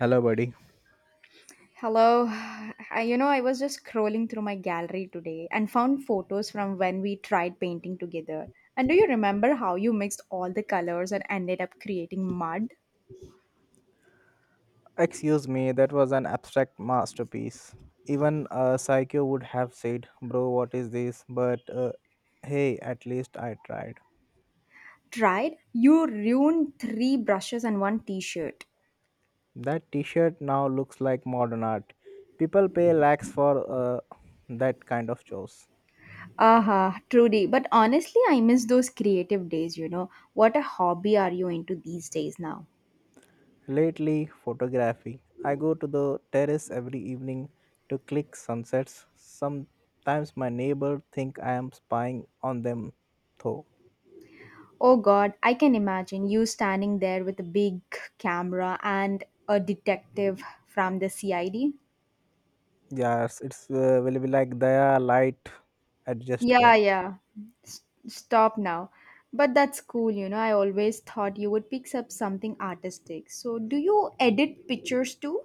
Hello, buddy. Hello. I was just scrolling through my gallery today and found photos from when we tried painting together. And do you remember how you mixed all the colors and ended up creating mud? Excuse me, that was an abstract masterpiece. Even a psycho would have said, "Bro, what is this?" But hey, at least I tried. Tried? You ruined three brushes and one t shirt. That t shirt now looks like modern art. People pay lakhs for uh, that kind of chores. Aha, truly. But honestly, I miss those creative days. What a hobby are you into these days now? Lately, photography. I go to the terrace every evening to click sunsets. Sometimes my neighbor think I am spying on them, though. Oh God, I can imagine you standing there with a big camera and a detective from the CID. Yes, it's will be like the light adjust Yeah, curve. yeah. Stop now. But that's cool. I always thought you would pick up something artistic. So, do you edit pictures too?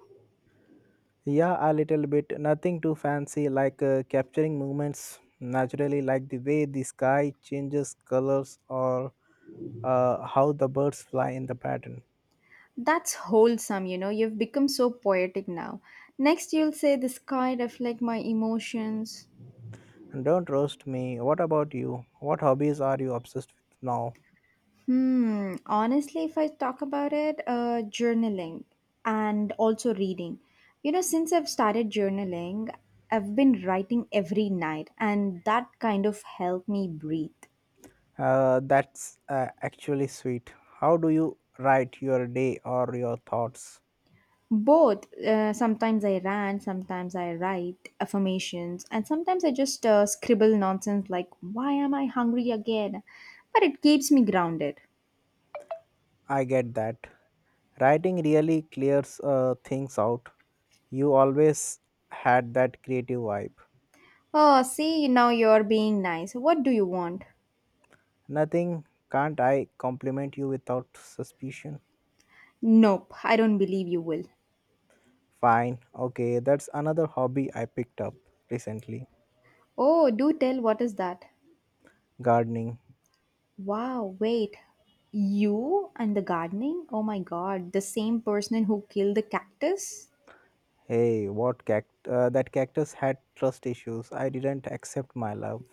Yeah, a little bit. Nothing too fancy, like capturing movements naturally, like the way the sky changes colors or how the birds fly in the pattern. That's wholesome, you know. You've become so poetic now. Next, you'll say the sky reflect my emotions. And don't roast me. What about you? What hobbies are you obsessed with now? Hmm. Honestly, if I talk about it, journaling and also reading. You know, since I've started journaling, I've been writing every night, and that kind of helped me breathe. That's actually sweet. How do you write your day or your thoughts? Both. Sometimes I rant, sometimes I write affirmations, and sometimes I just scribble nonsense like, why am I hungry again? But it keeps me grounded. I get that. Writing really clears things out. You always had that creative vibe. Oh, see, now you're being nice. What do you want? Nothing, can't I compliment you without suspicion? Nope, I don't believe you will. Fine, okay, that's another hobby I picked up recently, Oh, do tell, what is that? gardening. Wow, wait. You and the gardening? Oh my god, the same person who killed the cactus? Hey, that cactus had trust issues. I didn't accept my love.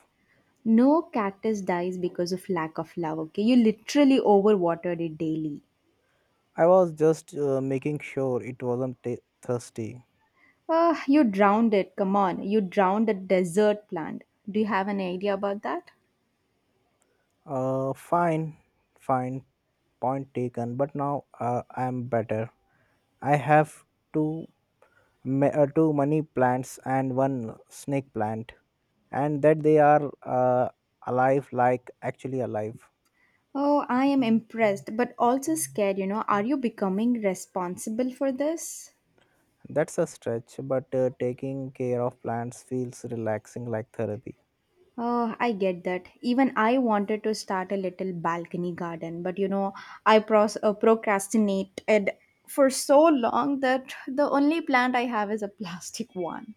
No cactus dies because of lack of love, okay? You literally overwatered it daily. I was just making sure it wasn't ta thirsty. Ah, you drowned it. Come on. You drowned a desert plant. Do you have an idea about that? Uh, fine, fine, point taken. But now I'm better. I have two money plants and one snake plant, and that they are uh, alive, like actually alive. Oh, I am impressed, but also scared. Are you becoming responsible for this? That's a stretch, but taking care of plants feels relaxing, like therapy. Oh, I get that. Even I wanted to start a little balcony garden, but you know, I procrastinated for so long that the only plant I have is a plastic one.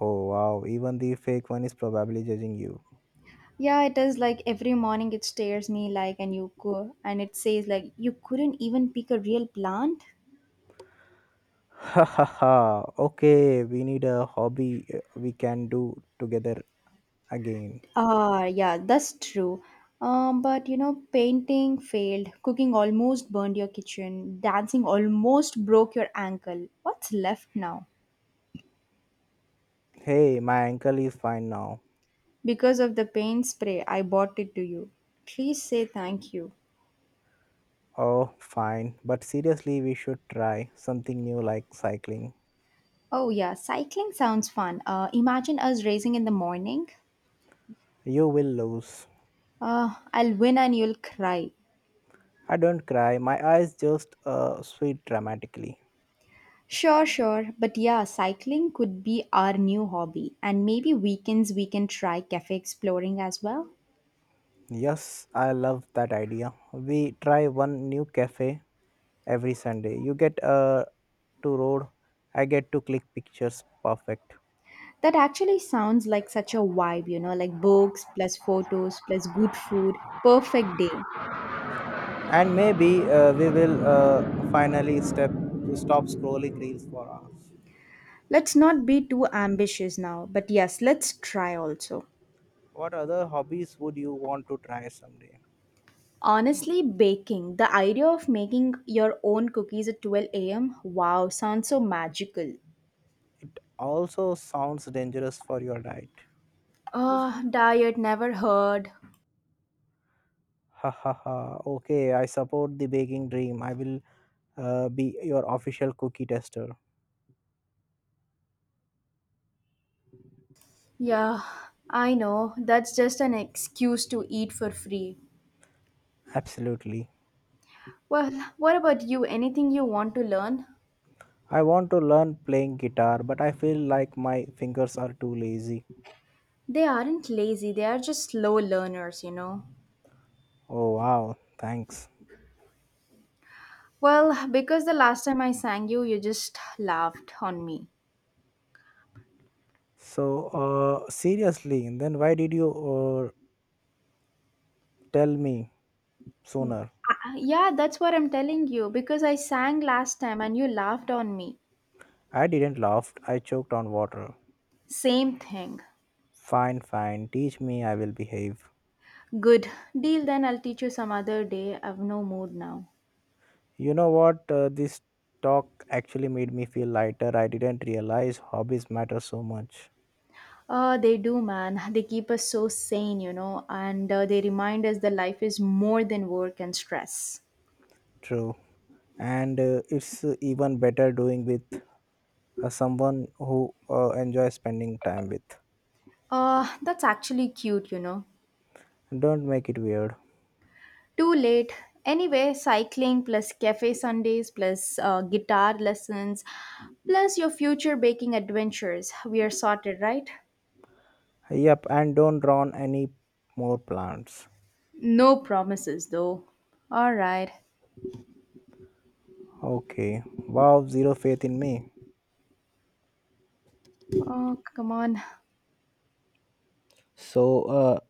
Oh wow! Even the fake one is probably judging you. Yeah, it is like every morning it stares me like, and you go, and it says like, you couldn't even pick a real plant. Ha ha ha. Okay, we need a hobby we can do together again. Ah, yeah, that's true. But painting failed, cooking almost burned your kitchen, dancing almost broke your ankle. What's left now? Hey, my ankle is fine now. Because of the paint spray, I bought it to you. Please say thank you. Oh, fine. But seriously, we should try something new like cycling. Oh, yeah, cycling sounds fun. Imagine us racing in the morning. You will lose. I'll win and you'll cry. I don't cry. My eyes just sweat dramatically. Sure, sure. But yeah, cycling could be our new hobby. And maybe weekends we can try cafe exploring as well. Yes, I love that idea. We try one new cafe every Sunday. You get to road. I get to click pictures. Perfect. That actually sounds like such a vibe, like books plus photos plus good food. Perfect day. And maybe we will finally step stop scrolling reels for hours. Let's not be too ambitious now, but yes, let's try also. What other hobbies would you want to try someday? Honestly, baking, the idea of making your own cookies at 12 a.m. Wow, sounds so magical. It also sounds dangerous for your diet. Ah, diet never heard. Ha ha ha. Okay, I support the baking dream. I will be your official cookie tester. Yeah, I know. That's just an excuse to eat for free. Absolutely. Well, what about you? Anything you want to learn? I want to learn playing guitar, but I feel like my fingers are too lazy. They aren't lazy, they are just slow learners. Oh wow, thanks. Well, because the last time I sang you, you just laughed on me. So seriously then, why did you tell me sooner? Yeah, that's what I'm telling you because I sang last time and you laughed on me. I didn't laugh, I choked on water. Same thing. Fine, fine, teach me, I will behave. Good. Deal then, I'll teach you some other day. I've no mood now. You know what? This talk actually made me feel lighter. I didn't realize hobbies matter so much. They do, man. They keep us so sane, and they remind us that life is more than work and stress. True. And it's even better doing with someone who enjoys spending time with. That's actually cute. Don't make it weird. Too late. Anyway, cycling plus cafe Sundays plus guitar lessons plus your future baking adventures. We are sorted, right? Yep, and don't drown any more plants. No promises, though. All right. Okay. Wow, zero faith in me. Oh, come on. So,